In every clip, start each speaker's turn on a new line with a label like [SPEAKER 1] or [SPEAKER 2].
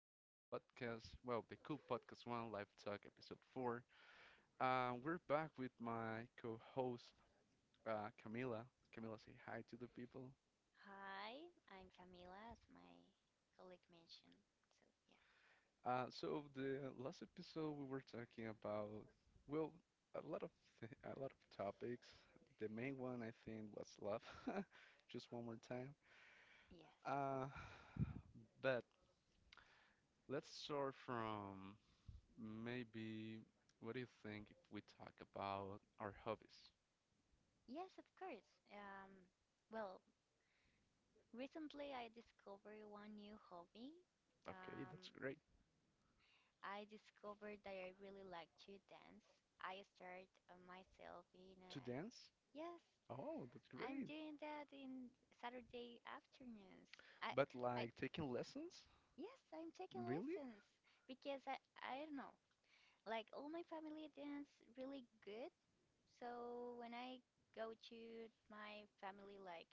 [SPEAKER 1] podcast. Well, the cool podcast one, Live Talk episode four. We're back with my co host, Camila. Camila, say hi to the people.
[SPEAKER 2] Hi, I'm Camila, as my colleague mentioned.
[SPEAKER 1] The last episode, we were talking about, well, a lot of th a lot of topics. The main one, I think, was love. Just one more time.
[SPEAKER 2] So, yeah,
[SPEAKER 1] Uh,
[SPEAKER 2] yes.
[SPEAKER 1] but let's start from. Maybe, what do you think if we talk about our hobbies?
[SPEAKER 2] Yes, of course. Well, recently I discovered one new hobby.
[SPEAKER 1] Okay,
[SPEAKER 2] Um,
[SPEAKER 1] that's great.
[SPEAKER 2] I discovered that I really like to dance. I started myself in a.
[SPEAKER 1] To dance?
[SPEAKER 2] Yes,
[SPEAKER 1] Oh, that's
[SPEAKER 2] I'm
[SPEAKER 1] great.
[SPEAKER 2] doing that in Saturday afternoons. I,
[SPEAKER 1] But
[SPEAKER 2] I,
[SPEAKER 1] like taking lessons?
[SPEAKER 2] yes, I'm taking
[SPEAKER 1] Really?
[SPEAKER 2] lessons because I don't know. Like all my family dance really good. So when I go to my family, like,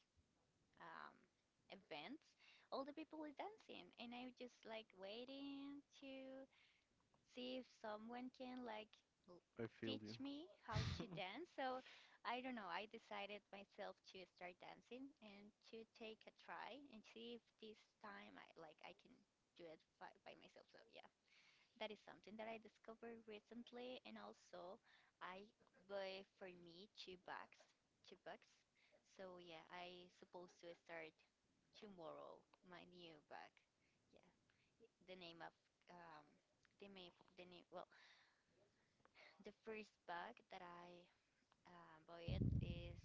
[SPEAKER 2] um, events, all the people is dancing, and I'm just like waiting to see if someone can, like, l-
[SPEAKER 1] I feel you.
[SPEAKER 2] teach me how to dance. So I don't know. I decided myself to start dancing and to take a try and see if this time, I like, I can do it by myself. So yeah. That is something that I discovered recently, and also I buy for me two bags, two bucks. So yeah, I supposed to start tomorrow my new bag. Yeah, the name of um the name well, the first bag that I bought is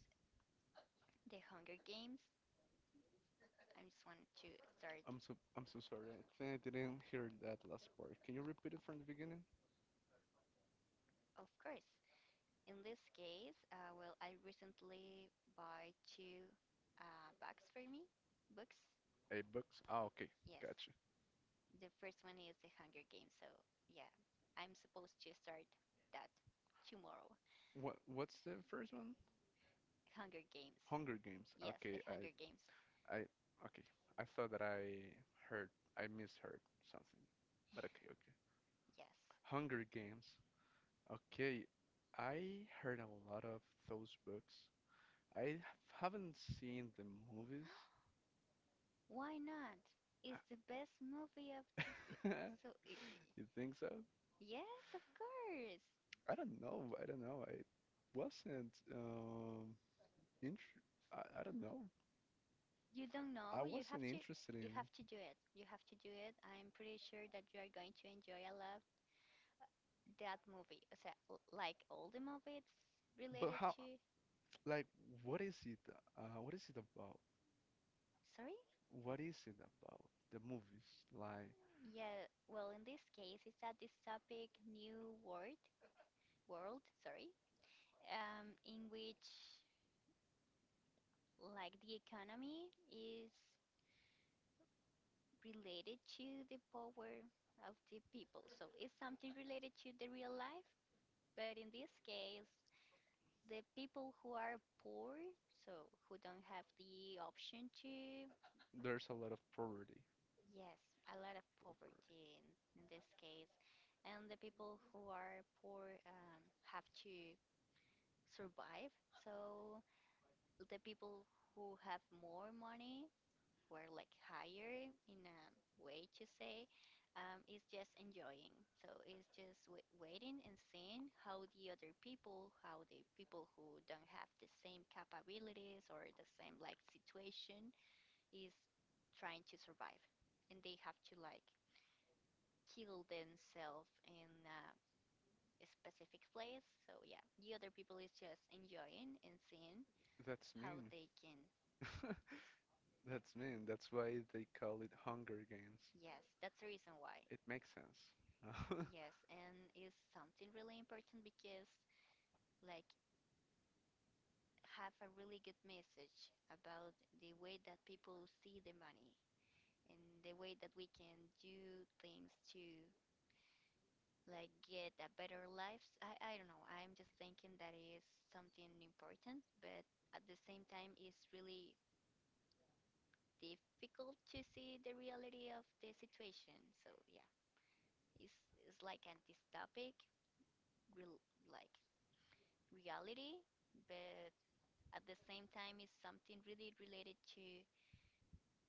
[SPEAKER 2] The Hunger Games. I just want to start,
[SPEAKER 1] I'm so sorry. I think I didn't hear that last part. Can you repeat it from the beginning?
[SPEAKER 2] of course. In this case, well, I recently buy two books for me. Books,
[SPEAKER 1] A books? Ah, okay,
[SPEAKER 2] yes.
[SPEAKER 1] gotcha.
[SPEAKER 2] The first one is The Hunger Games, so yeah, I'm supposed to start that tomorrow.
[SPEAKER 1] What's the first one?
[SPEAKER 2] Hunger Games.
[SPEAKER 1] Hunger Games.
[SPEAKER 2] Yes, The
[SPEAKER 1] Okay, I
[SPEAKER 2] Hunger Games.
[SPEAKER 1] I okay. I thought that I heard I misheard something, but okay, okay.
[SPEAKER 2] Yes.
[SPEAKER 1] Hunger Games. Okay, I heard a lot of those books. I h- haven't seen the movies.
[SPEAKER 2] Why not?
[SPEAKER 1] I-
[SPEAKER 2] It's the best movie of the. So, it,
[SPEAKER 1] You think so?
[SPEAKER 2] yes, of course.
[SPEAKER 1] I don't know. I wasn't inter I don't know.
[SPEAKER 2] You don't
[SPEAKER 1] I
[SPEAKER 2] know.
[SPEAKER 1] wasn't interested
[SPEAKER 2] You
[SPEAKER 1] in.
[SPEAKER 2] have to do it. You have to do it. I'm pretty sure that you are going to enjoy a lot that movie. O sea, like all the movies
[SPEAKER 1] But
[SPEAKER 2] related
[SPEAKER 1] how
[SPEAKER 2] to.
[SPEAKER 1] like what is it what is it about?
[SPEAKER 2] Sorry?
[SPEAKER 1] What is it about the movies? Like
[SPEAKER 2] Yeah, well, in this case, it's at this topic, new world, sorry, in which, like, the economy is related to the power of the people. So it's something related to the real life, but in this case, the people who are poor, so who don't have the option to,
[SPEAKER 1] there's a lot of poverty.
[SPEAKER 2] yes, a lot of
[SPEAKER 1] Poverty.
[SPEAKER 2] poverty in, this case, and the people who are poor, have to survive. So the people who have more money were, like, higher in a way to say, it's just enjoying. So it's just waiting and seeing how the other people how the people who don't have the same capabilities or the same, like, situation is trying to survive, and they have to, like, kill themselves in a specific place. So yeah, the other people is just enjoying and seeing
[SPEAKER 1] That's
[SPEAKER 2] how
[SPEAKER 1] mean.
[SPEAKER 2] they can.
[SPEAKER 1] That's mean. That's
[SPEAKER 2] Yes.
[SPEAKER 1] why they
[SPEAKER 2] Yes,
[SPEAKER 1] call it Hunger Games.
[SPEAKER 2] that's the reason why.
[SPEAKER 1] It makes sense. Uh,
[SPEAKER 2] Yes, and it's something really important because, like, have a really good message about the way that people see the money and the way that we can do things to, like, get a better life. I don't know. I'm just thinking that is something important, but at the same time, it's really difficult to see the reality of the situation. So, yeah. It's, it's like a dystopic, real, like, reality, but at the same time, it's something really related to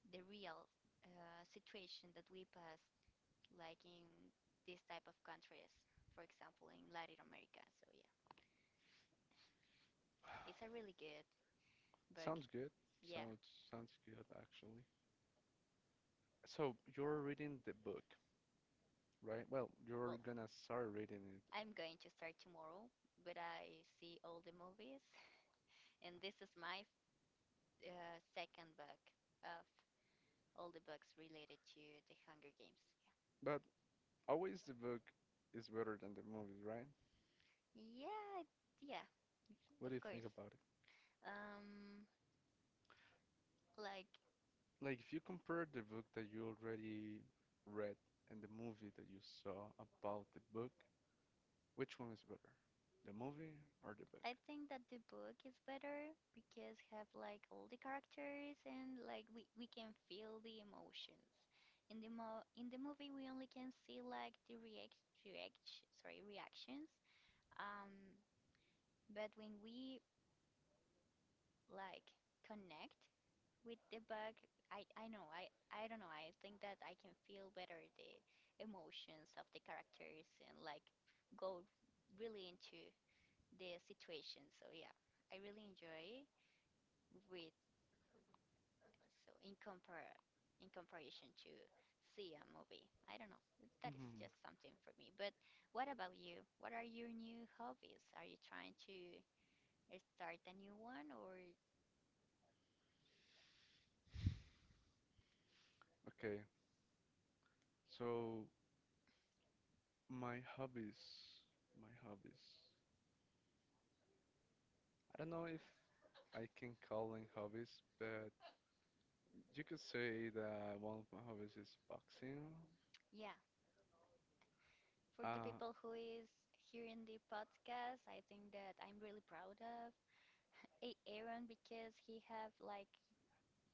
[SPEAKER 2] the real situation that we pass, like, in this type of countries, for example, in Latin America. So yeah, it's a really good book.
[SPEAKER 1] Sounds good.
[SPEAKER 2] Yeah.
[SPEAKER 1] Sounds sounds good actually. So you're reading the book, right? Well, you're
[SPEAKER 2] Well,
[SPEAKER 1] gonna start reading it,
[SPEAKER 2] I'm going to start tomorrow, but I see all the movies, and this is my second book of all the books related to the Hunger Games.
[SPEAKER 1] but always the book is better than the movies, right?
[SPEAKER 2] Yeah, yeah, yeah,
[SPEAKER 1] What do
[SPEAKER 2] of
[SPEAKER 1] you think
[SPEAKER 2] course.
[SPEAKER 1] about it?
[SPEAKER 2] Um, like
[SPEAKER 1] Like if you compare the book that you already read and the movie that you saw about the book, which one is better? The movie or the book?
[SPEAKER 2] I think that the book is better because have like all the characters, and like we can feel the emotions. In the movie we only can see like the reactions. Um, but when we, like, connect with the bug, I know. I don't know. I think that I can feel better the emotions of the characters and, like, go really into the situation. So yeah, I really enjoy with. So in comparison to see a movie, I don't know, that is
[SPEAKER 1] Mhm.
[SPEAKER 2] just something for me, but what about you? What are your new hobbies? Are you trying to start a new one, or
[SPEAKER 1] Okay. So my hobbies, my hobbies. I don't know if I can call them hobbies, but you could say that one of my hobbies is boxing.
[SPEAKER 2] yeah. For the
[SPEAKER 1] Uh,
[SPEAKER 2] people who is here in the podcast, I think that I'm really proud of Aaron because he have like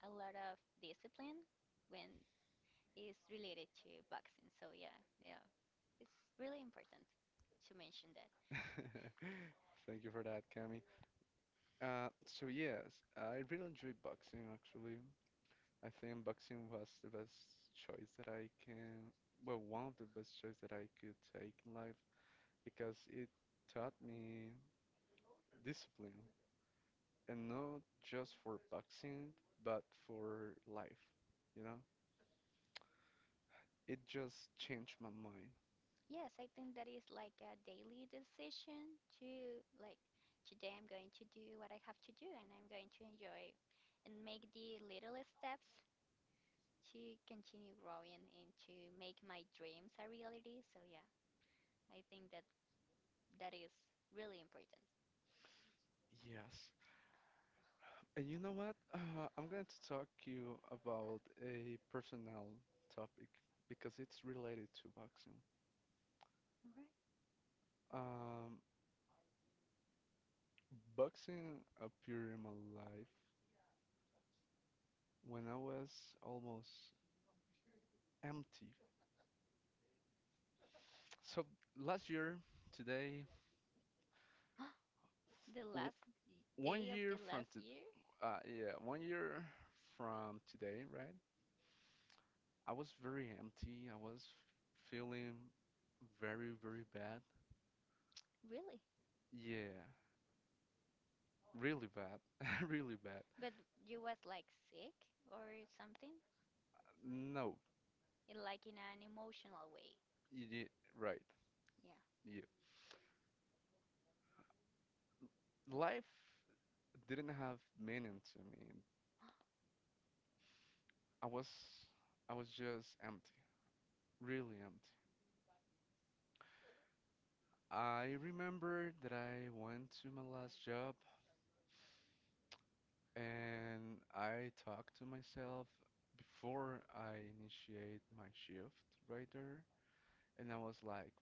[SPEAKER 2] a lot of discipline when it's related to boxing. So yeah, yeah, it's really important to mention that.
[SPEAKER 1] thank you for that, Cami. So yes, I really enjoy boxing actually. I think boxing was the best choice that I can, well, one of the best choice that I could take in life because it taught me discipline and not just for boxing, but for life, you know? It just changed my mind.
[SPEAKER 2] Yes, I think that is like a daily decision to, like, today I'm going to do what I have to do, and I'm going to enjoy and make the little steps to continue growing and to make my dreams a reality. So yeah, I think that that is really important.
[SPEAKER 1] Yes. And you know what? I'm going to talk to you about a personal topic because it's related to boxing.
[SPEAKER 2] All
[SPEAKER 1] Um, Boxing appeared in my life when I was almost empty. So last year, today,
[SPEAKER 2] right. The
[SPEAKER 1] w
[SPEAKER 2] last
[SPEAKER 1] one
[SPEAKER 2] day of
[SPEAKER 1] year
[SPEAKER 2] the
[SPEAKER 1] from
[SPEAKER 2] last
[SPEAKER 1] to
[SPEAKER 2] year?
[SPEAKER 1] yeah, 1 year from today, right? I was very empty. I was feeling very, very bad.
[SPEAKER 2] Really?
[SPEAKER 1] Yeah. Really bad. Really bad.
[SPEAKER 2] But you was like sick or something?
[SPEAKER 1] No,
[SPEAKER 2] In an emotional way.
[SPEAKER 1] you did right.
[SPEAKER 2] Yeah.
[SPEAKER 1] You. Life didn't have meaning to me. I was I was just empty. Really empty. I remember that I went to my last job and I talked to myself before I initiate my shift right there. And I was like,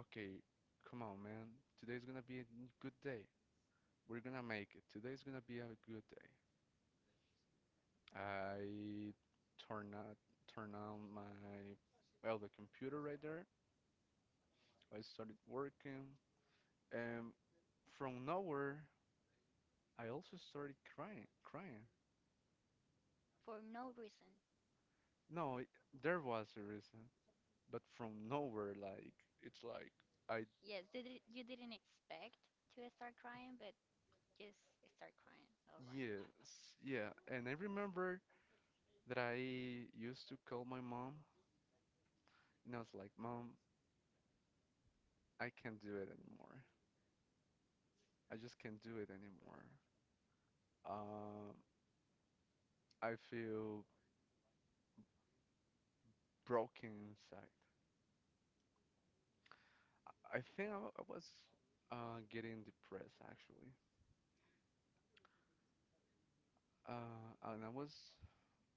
[SPEAKER 1] okay, come on, man. Today's gonna be a good day. We're gonna make it. Today's gonna be a good day. I turn on turn on my well the computer right there. I started working, and from nowhere I also started crying, crying.
[SPEAKER 2] For no reason.
[SPEAKER 1] No, it, there was a reason, but from nowhere, like it's like I
[SPEAKER 2] Yes, you didn't expect to start crying, but just start crying. All right.
[SPEAKER 1] yes
[SPEAKER 2] Yes.
[SPEAKER 1] yeah. And I remember that I used to call my mom, and I was like, Mom, I can't do it anymore. I just can't do it anymore. Um, I feel broken inside. I was getting depressed actually, and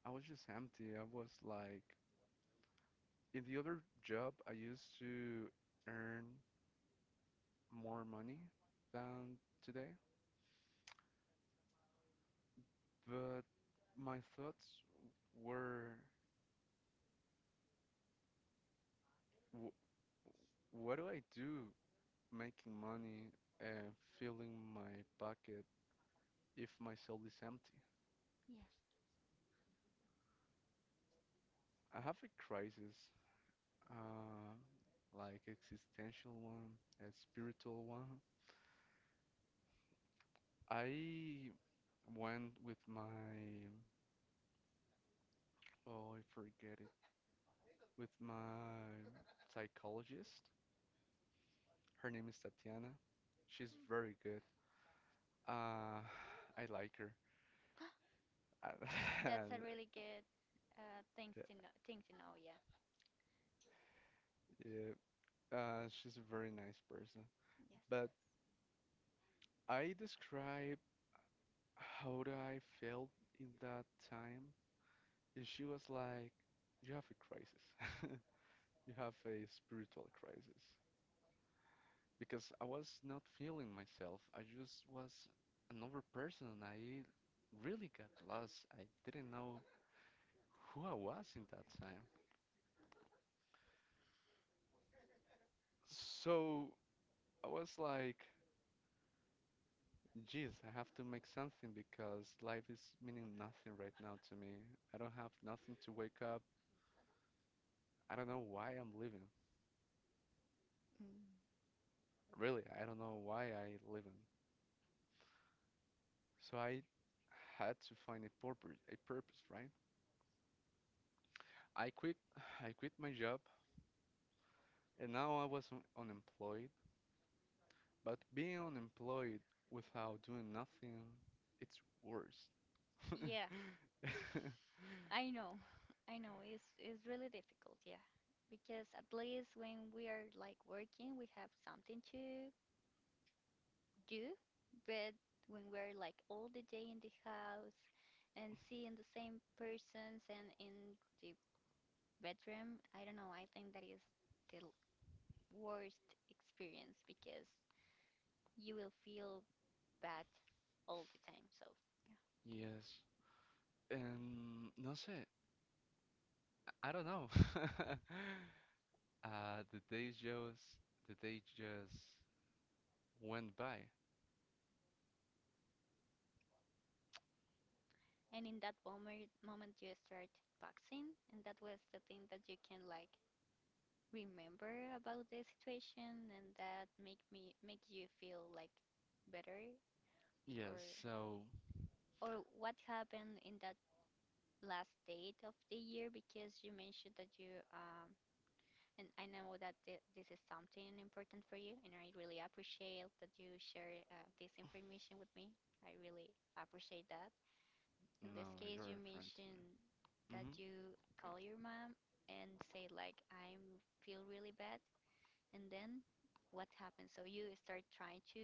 [SPEAKER 1] I was just empty. I was like, in the other job, I used to earn more money than today, but my thoughts were, w what do I do making money and filling my pocket if my soul is empty?
[SPEAKER 2] Mm.
[SPEAKER 1] I have a crisis uh, like existential one, a spiritual one. I went with my, oh, I forget it, with my psychologist. Her name is Tatiana. She's very good. Uh, I like her.
[SPEAKER 2] That's a
[SPEAKER 1] And
[SPEAKER 2] really good thing to know. Thing to know. Yeah.
[SPEAKER 1] yeah, she's a very nice person. But
[SPEAKER 2] Yes.
[SPEAKER 1] I describe how do I felt in that time. And she was like, "You have a crisis." You have a spiritual crisis because I was not feeling myself. I just was another person. I really got lost. I didn't know who I was in that time. So I was like, geez, I have to make something because life is meaning nothing right now to me. I don't have nothing to wake up. I don't know why I'm living.
[SPEAKER 2] Mm.
[SPEAKER 1] Really, I don't know why I living. So I had to find a purpose, right? I quit I quit my job. And now I was unemployed, but being unemployed without doing nothing, it's worse.
[SPEAKER 2] Yeah,
[SPEAKER 1] Yeah.
[SPEAKER 2] I know. I know it's really difficult, yeah. Because at least when we are, like, working, we have something to do, but when we're, like, all the day in the house and seeing the same persons and in the bedroom, I don't know, I think that is the worst experience because you will feel bad all the time. So, yeah.
[SPEAKER 1] Yes. And no sé, I don't know. Uh, the days just the day just went by.
[SPEAKER 2] And in that moment you start boxing, and that was the thing that you can, like, remember about the situation, and that make you feel like better,
[SPEAKER 1] Yes,
[SPEAKER 2] or
[SPEAKER 1] so
[SPEAKER 2] or what happened in that last date of the year? Because you mentioned that you, and I know that this is something important for you, and I really appreciate that you share this information with me. I really appreciate that. In this
[SPEAKER 1] no,
[SPEAKER 2] case, you
[SPEAKER 1] you're a friend to me.
[SPEAKER 2] mentioned
[SPEAKER 1] Hmm
[SPEAKER 2] that you call your mom and say, like, "I feel really bad," and then what happens? So you start trying to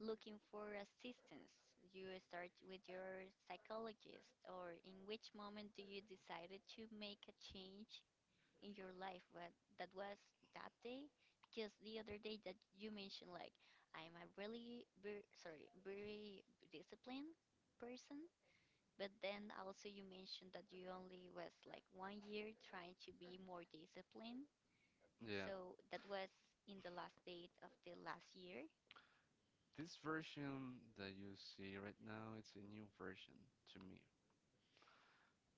[SPEAKER 2] looking for assistance. You start with your psychologist, or in which moment do you decided to make a change in your life? What that was that day? Because the other day that you mentioned, like, I'm a really very, sorry, very disciplined person, but then also you mentioned that you only was like one year trying to be more disciplined.
[SPEAKER 1] Yeah,
[SPEAKER 2] So that was in the last date of the last year.
[SPEAKER 1] this version that you see right now, it's a new version to me.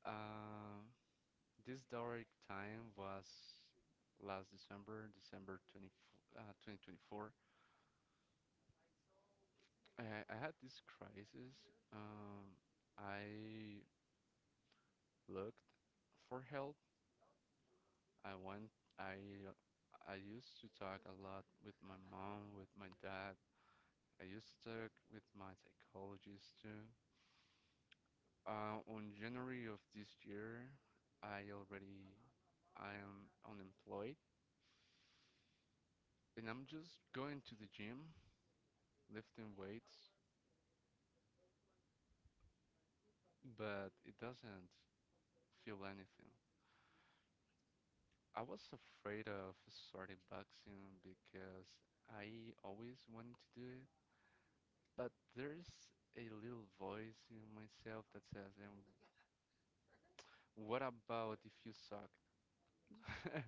[SPEAKER 1] Uh, This dark time was last December, December 24, 2024. I, I had this crisis. Um, I looked for help. I went. I I used to talk a lot with my mom, with my dad. I used to talk with my psychologist too. On January of this year, I already I am unemployed, and I'm just going to the gym, lifting weights, but it doesn't feel anything. I was afraid of starting boxing because I always wanted to do it, but there's a little voice in myself that says, "And what about if you suck?
[SPEAKER 2] Ye-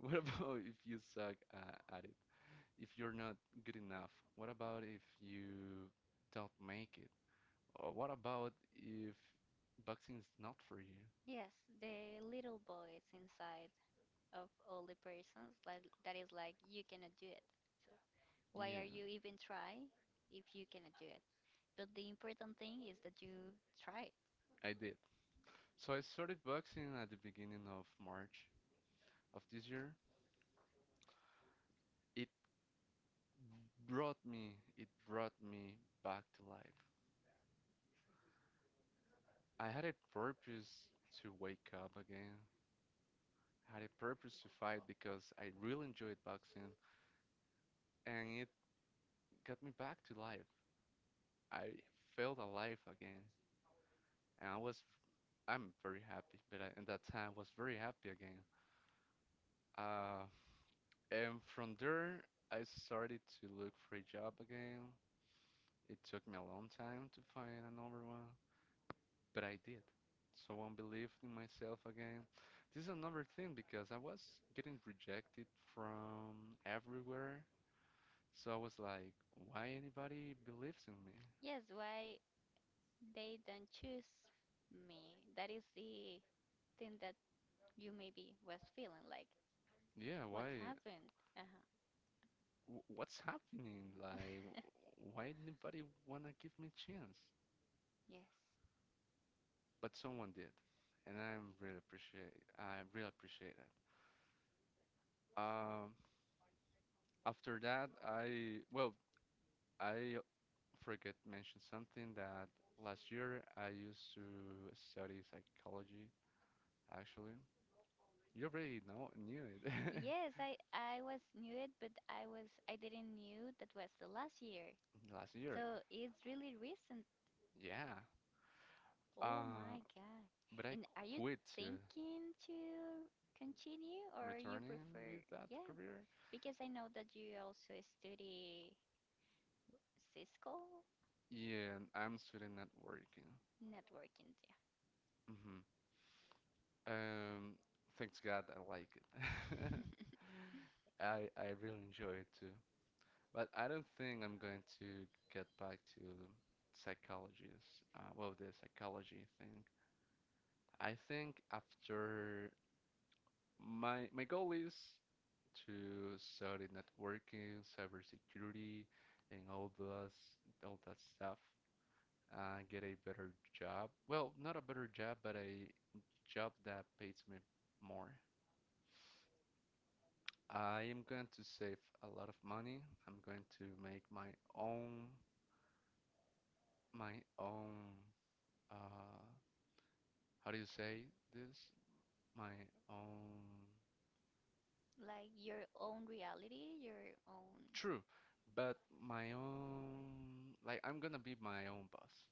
[SPEAKER 1] What about if you suck at it? If you're not good enough? What about if you don't make it? Or what about if boxing is not for you?"
[SPEAKER 2] Yes, the little voice inside of all the persons like that is like you cannot do it. So why
[SPEAKER 1] Yeah,
[SPEAKER 2] are you even try if you cannot do it? But the important thing is that you try it.
[SPEAKER 1] I did. So I started boxing at the beginning of March of this year. It it brought me back to life. I had a purpose to wake up again. I had a purpose to fight because I really enjoyed boxing and it got me back to life. I felt alive again and I'm very happy, but I, at that time I was very happy again. Uh, and from there I started to look for a job again. It took me a long time to find another one, but I did. Someone believed in myself again. This is another thing because I was getting rejected from everywhere. So I was like, why anybody believes in me?
[SPEAKER 2] Yes, why they don't choose me? That is the thing that you maybe was feeling like,
[SPEAKER 1] Yeah,
[SPEAKER 2] what
[SPEAKER 1] why?
[SPEAKER 2] happened? Uh-huh.
[SPEAKER 1] What's happening? Like, why anybody wanna give me a chance?
[SPEAKER 2] Yes.
[SPEAKER 1] But someone did, and I'm really appreciate. I really appreciate it. Um, After that, I well, I forget mention something that last year I used to study psychology, actually. You already know knew it
[SPEAKER 2] Yes, I was knew it, but I didn't knew that was the last year.
[SPEAKER 1] last year.
[SPEAKER 2] So it's really recent.
[SPEAKER 1] Yeah.
[SPEAKER 2] Oh
[SPEAKER 1] Uh,
[SPEAKER 2] my God.
[SPEAKER 1] but I
[SPEAKER 2] And are you
[SPEAKER 1] quit
[SPEAKER 2] thinking to continue or you
[SPEAKER 1] returning
[SPEAKER 2] prefer?
[SPEAKER 1] with that
[SPEAKER 2] Yeah,
[SPEAKER 1] career.
[SPEAKER 2] because I know that you also study Cisco
[SPEAKER 1] Yeah, and I'm still not working.
[SPEAKER 2] networking.
[SPEAKER 1] Hmm Um, Thanks God I like it.
[SPEAKER 2] Yeah.
[SPEAKER 1] I really enjoy it too. But I don't think I'm going to get back to psychologists. Well, the psychology thing. I think after my goal is to study networking, cybersecurity, and all that stuff, get a better job. Well, not a better job, but a job that pays me more. I am going to save a lot of money. I'm going to make my own uh how do you say this? My own
[SPEAKER 2] Like your own reality, your own.
[SPEAKER 1] true, but my own like I'm gonna be my own boss.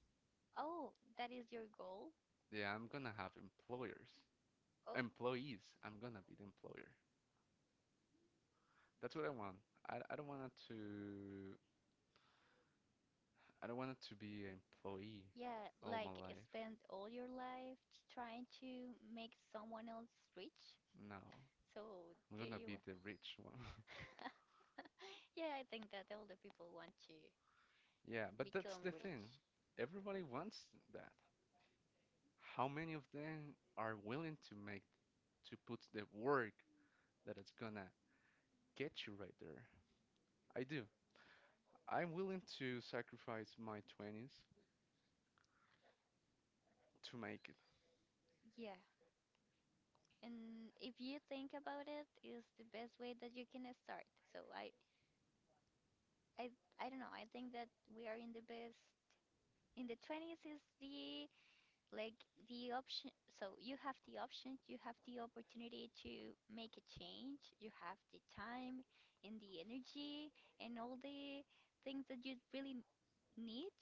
[SPEAKER 2] Oh, that is your goal?
[SPEAKER 1] Yeah, I'm gonna have employers,
[SPEAKER 2] Oh,
[SPEAKER 1] employees. I'm gonna be the employer. That's what I want. I, I don't want it to I don't want it to be an employee
[SPEAKER 2] yeah,
[SPEAKER 1] all my
[SPEAKER 2] like
[SPEAKER 1] life.
[SPEAKER 2] spend all your life trying to make someone else rich.
[SPEAKER 1] No,
[SPEAKER 2] So,
[SPEAKER 1] I'm
[SPEAKER 2] do
[SPEAKER 1] gonna be the rich one.
[SPEAKER 2] you. Be Yeah, I think that all the people want to. Yeah,
[SPEAKER 1] Yeah, but that's
[SPEAKER 2] become
[SPEAKER 1] the thing.
[SPEAKER 2] rich.
[SPEAKER 1] Everybody wants that. How many of them are willing to put the work that it's gonna get you right there. I do. I'm willing to sacrifice my 20s to make it.
[SPEAKER 2] Yeah. And if you think about it, is the best way that you can start. So I I don't know. I think that we are in the best. In the 20s is like the option. So you have the option, you have the opportunity to make a change. You have the time and the energy and all the things that you really need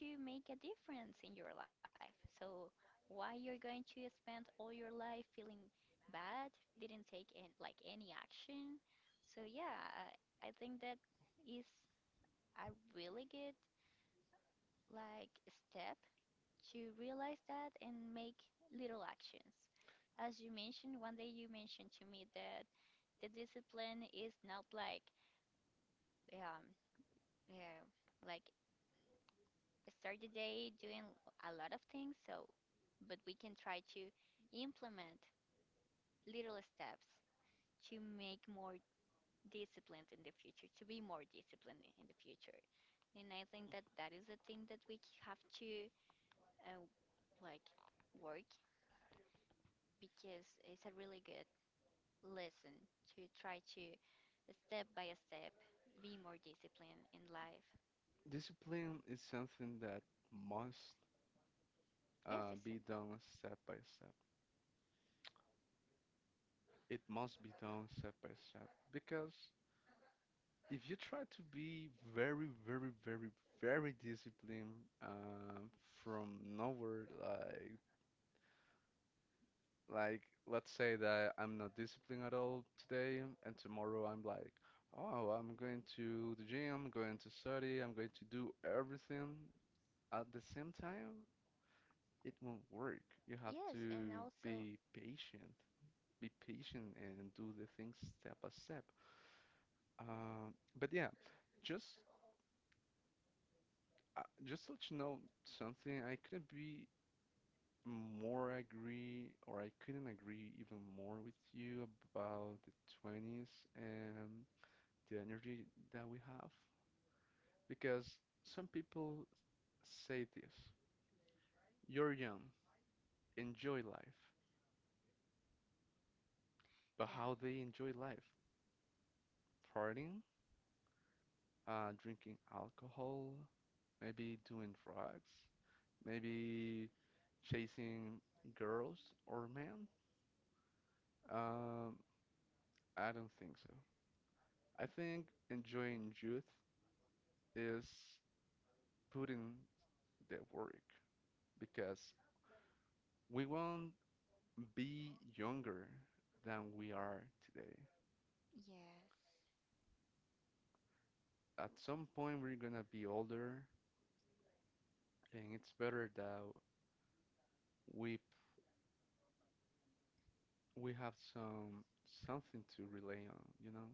[SPEAKER 2] to make a difference in your life. So why you're going to spend all your life feeling bad, didn't take an, like, any action. So yeah, I think that is a really good, like, step to realize that and make little actions. As you mentioned, one day you mentioned to me that the discipline is not um uh, like start the day doing a lot of things. So, but we can try to implement little steps to make more disciplined in the future, to be more disciplined in the future. And I think that that is the thing that we have to, uh, like, work because it's a really good lesson to try to step by step be more disciplined in life.
[SPEAKER 1] Discipline is something that must
[SPEAKER 2] Yes, it's a,
[SPEAKER 1] be done step by step. It must be done step by step because if you try to be very, very, very, very disciplined from nowhere, like, let's say that I'm not disciplined at all today, and tomorrow I'm like, oh, I'm going to the gym, I'm going to study, I'm going to do everything at the same time, it won't work. You have
[SPEAKER 2] yes, and
[SPEAKER 1] to
[SPEAKER 2] also
[SPEAKER 1] be patient and do the things step by step. But yeah, just Just to let you know something. I couldn't be. More agree, or I couldn't agree even more with you about the 20s and the energy that we have. Because some people say this, you're young, enjoy life. But
[SPEAKER 2] yeah,
[SPEAKER 1] how they enjoy life? Partying, drinking alcohol, maybe doing drugs, maybe chasing girls or men? Um, I don't think so. I think enjoying youth is put in the work because we won't be younger than we are today.
[SPEAKER 2] yes,
[SPEAKER 1] At some point, we're gonna be older, and it's better that we we have something to rely on, you know?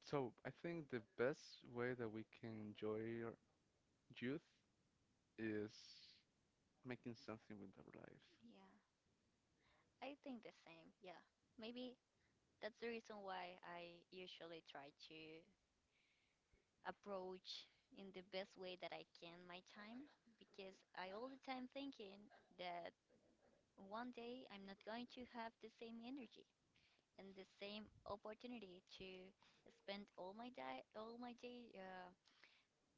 [SPEAKER 1] So I think the best way that we can enjoy our youth is making something with our lives,
[SPEAKER 2] yeah. I think the same. Yeah, maybe that's the reason why I usually try to approach in the best way that I can my time because I all the time thinking that one day I'm not going to have the same energy and the same opportunity to spend all my day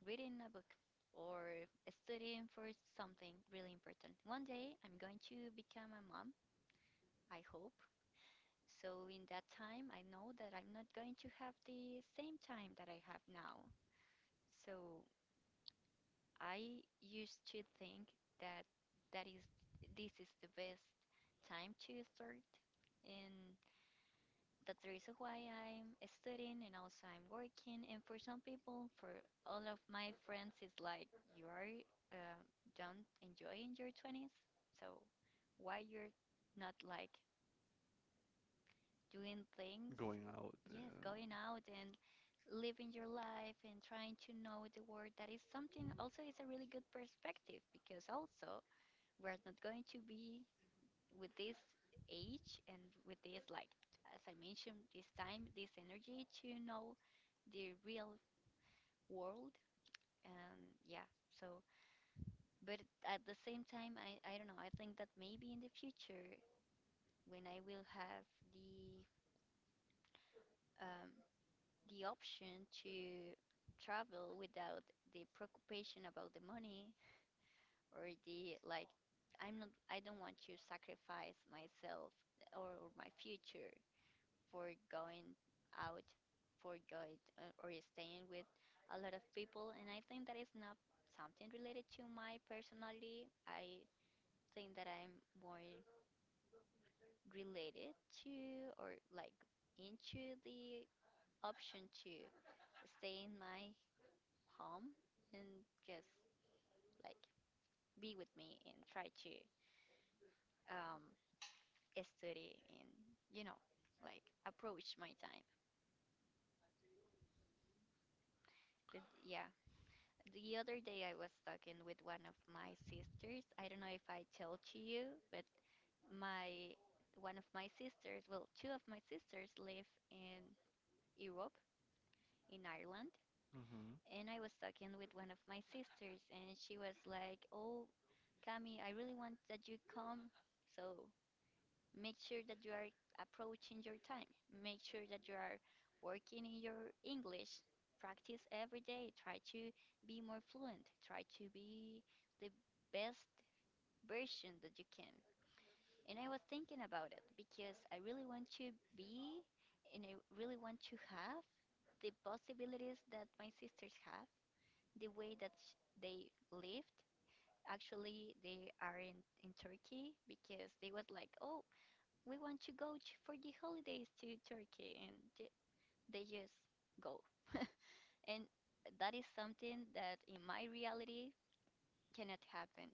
[SPEAKER 2] reading a book or studying for something really important. One day I'm going to become a mom, I hope. So in that time I know that I'm not going to have the same time that I have now. So I used to think that that is this is the best time to start and That's the reason why I'm studying and also I'm working. And for some people, for all of my friends, it's like you are uh, don't enjoying your 20s. So why you're not like doing things?
[SPEAKER 1] going out.
[SPEAKER 2] Yes, going out and living your life and trying to know the world. That is something also, it's a really good perspective because also we're not going to be with this age and with this, like, as I mentioned, this time, this energy to know the real world. And yeah, so, but at the same time, I don't know, I think that maybe in the future, when I will have the um the option to travel without the preoccupation about the money or the like, I don't want to sacrifice myself or my future for going out, for going or staying with a lot of people, and I think that is not something related to my personality. I think that I'm more related to, or like, into the option to stay in my home and just, like, be with me and try to um, study and you know like approach my time. But yeah, the other day I was talking with one of my sisters. I don't know if I told to you, but my one of my sisters, well, two of my sisters live in Europe, in Ireland,
[SPEAKER 1] Hmm
[SPEAKER 2] and I was talking with one of my sisters and she was like, "Oh, Cami, I really want that you come." So make sure that you are approaching your time. Make sure that you are working in your English. Practice every day. Try to be more fluent. Try to be the best version that you can. And I was thinking about it because I really want to be and I really want to have the possibilities that my sisters have, the way that they lived. Actually, they are in Turkey because they was like, oh, we want to go to, for the holidays to Turkey, and they just go. And that is something that in my reality cannot happen.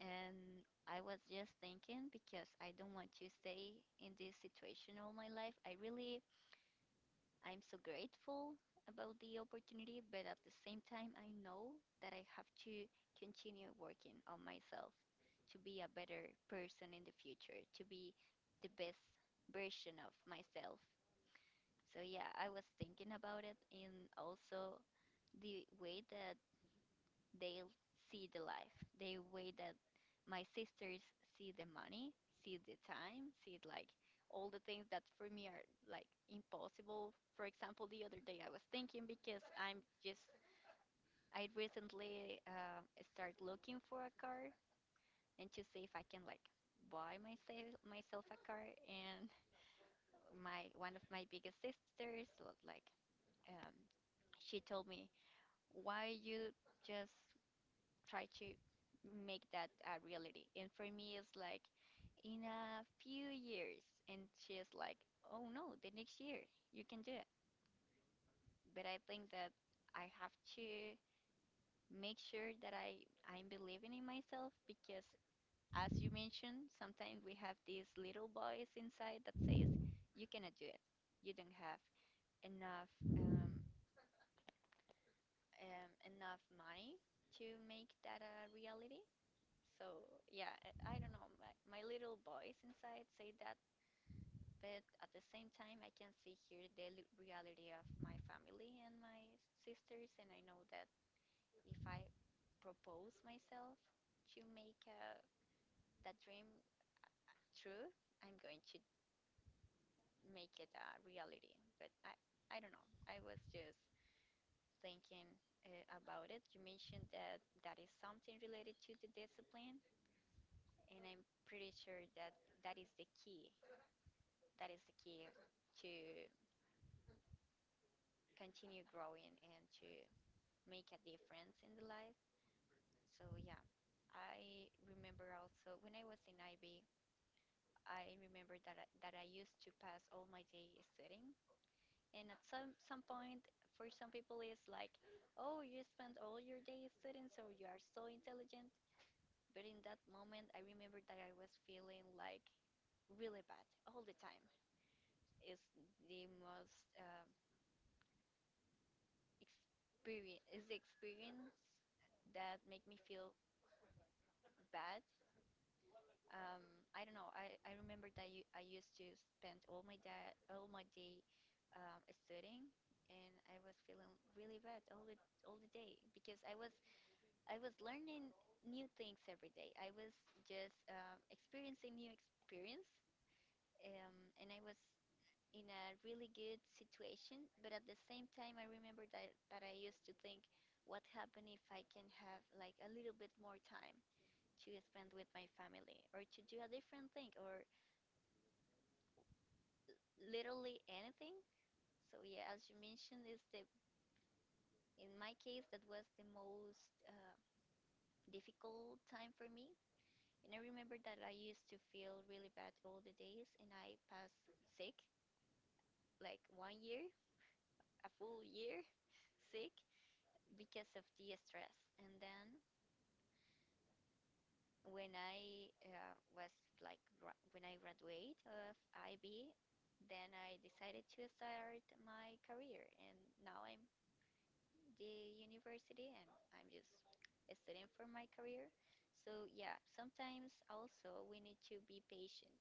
[SPEAKER 2] And I was just thinking because I don't want to stay in this situation all my life. I'm so grateful about the opportunity, but at the same time, I know that I have to continue working on myself to be a better person in the future, to be the best version of myself. So yeah, I was thinking about it, and also the way that they see the life, the way that my sisters see the money, see the time, see, like, all the things that for me are like impossible. For example, the other day I was thinking because I'm just, I recently start looking for a car and to see if I can, like, buy myself a car, and my one of my biggest sisters, like, um, she told me, why you just try to make that a reality? And for me, it's like in a few years. And she's like, oh no, the next year, you can do it. But I think that I have to make sure that I'm believing in myself because, as you mentioned, sometimes we have this little voice inside that says, you cannot do it. You don't have enough um, enough money to make that a reality. So yeah, I don't know. My little voice inside say that, but at the same time, I can see here the reality of my family and my sisters, and I know that if I propose myself to make that dream true, I'm going to make it a reality. But I don't know. I was just thinking about it. You mentioned that that is something related to the discipline, and I'm pretty sure that that is the key. That is the key to continue growing and to make a difference in the life. So yeah, I remember also when I was in IB, I remember that that I used to pass all my day studying. And at some point, for some people, it's like, oh, you spend all your day studying, so you are so intelligent. But in that moment, I remember that I was feeling like really bad all the time. is the most uh, is the experience that make me feel bad. Um, I don't know. I remember that I used to spend all my day studying, and I was feeling really bad all the day because I was learning new things every day. I was just experiencing new experience, and I was in a really good situation, but at the same time, I remember that, that I used to think, what happened if I can have like a little bit more time to spend with my family or to do a different thing or literally anything? So, yeah, as you mentioned, is the in my case, that was the most difficult time for me. And I remember that I used to feel really bad all the days, and I passed sick like one year, a full year sick, because of the stress. And then when I uh, was when I graduate of IB, then I decided to start my career. And now I'm the university and I'm just studying for my career. So yeah, sometimes also we need to be patient.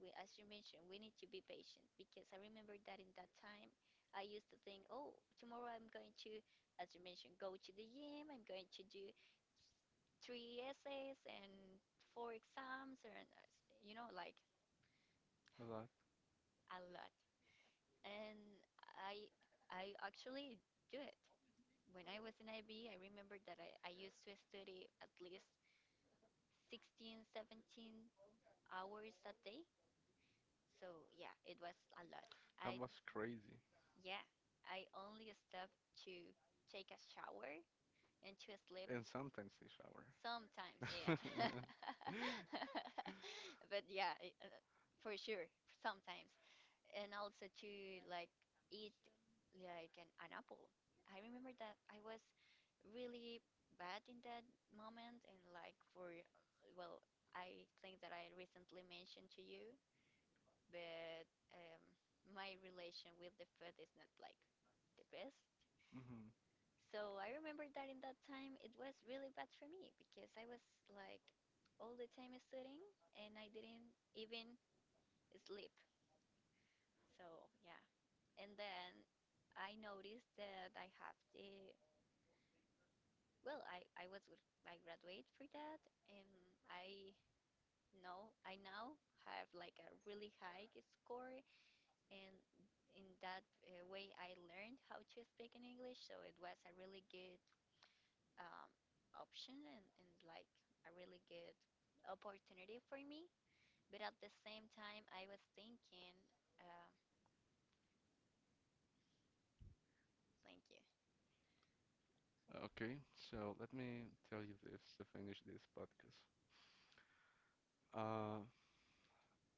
[SPEAKER 2] We, as you mentioned, we need to be patient because I remember that in that time I used to think, oh, tomorrow I'm going to, as you mentioned, go to the gym. I'm going to do three essays and four exams and like
[SPEAKER 1] a lot.
[SPEAKER 2] a lot, and i I actually do it. When I was in IB, I remember that I used to study at least 16, 17 hours a day. So yeah, it was a lot.
[SPEAKER 1] That
[SPEAKER 2] I
[SPEAKER 1] was crazy.
[SPEAKER 2] Yeah, I only stopped to take a shower into sleep.
[SPEAKER 1] And sometimes they
[SPEAKER 2] Sometimes,
[SPEAKER 1] shower.
[SPEAKER 2] yeah. But yeah, for sure, sometimes. And also to, like, eat like an apple. I remember that I was really bad in that moment, and like for, well, I think that I recently mentioned to you, but my relation with the food is not like the best.
[SPEAKER 1] Mhm.
[SPEAKER 2] So I remember that in that time it was really bad for me because I was, like, all the time studying and I didn't even sleep. So yeah. And then I noticed that I have the, well, I was I graduate for that, and I know I now have like a really high score, and in that way I learned how to speak in English, so it was a really good um, option, and, like, a really good opportunity for me. But at the same time, I was thinking, uh, thank you,
[SPEAKER 1] Okay, so let me tell you this to finish this podcast. Uh,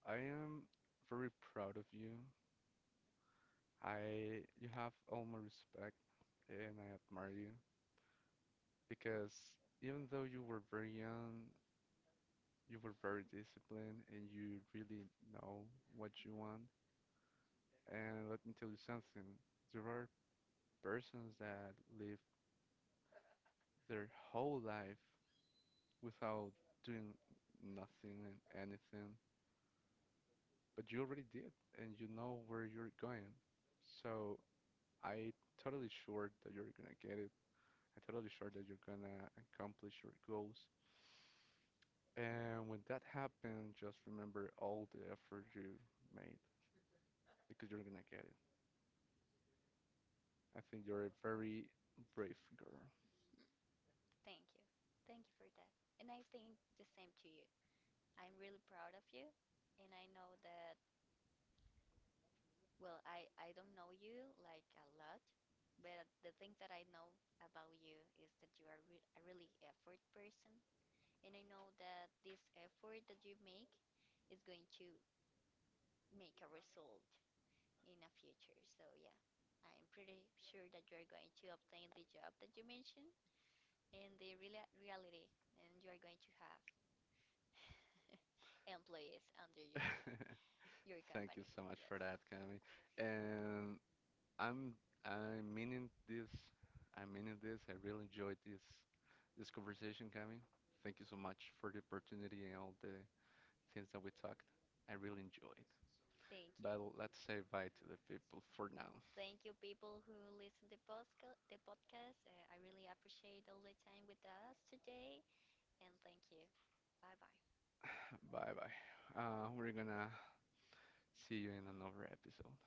[SPEAKER 1] I am very proud of you. I You have all my respect and I admire you because even though you were very young, you were very disciplined and you really know what you want. And let me tell you something. There are persons that live their whole life without doing nothing and anything, but you already did and you know where you're going. So I totally sure that you're gonna get it. I totally sure that you're gonna accomplish your goals. And when that happens, just remember all the effort you made because you're gonna get it. I think you're a very brave girl.
[SPEAKER 2] thank you, thank you for that. And I think the same to you. I'm really proud of you. And I know that, well, I don't know you like a lot, but the thing that I know about you is that you are a really effort person. And I know that this effort that you make is going to make a result in the future. So yeah, I'm pretty sure that you're going to obtain the job that you mentioned in the reality, and you are going to have employees under your
[SPEAKER 1] Thank you
[SPEAKER 2] company.
[SPEAKER 1] so much
[SPEAKER 2] Yes.
[SPEAKER 1] for that, Cami. And I'm I'm meaning this. I'm meaning this. I really enjoyed this conversation, Cami. Thank you so much for the opportunity and all the things that we talked. I really enjoyed.
[SPEAKER 2] Thank you.
[SPEAKER 1] But let's say bye to the people for now.
[SPEAKER 2] Thank you, people who listen to the podcast. I really appreciate all the time with us today, and thank you. Bye bye.
[SPEAKER 1] Bye bye. We're gonna see you in another episode.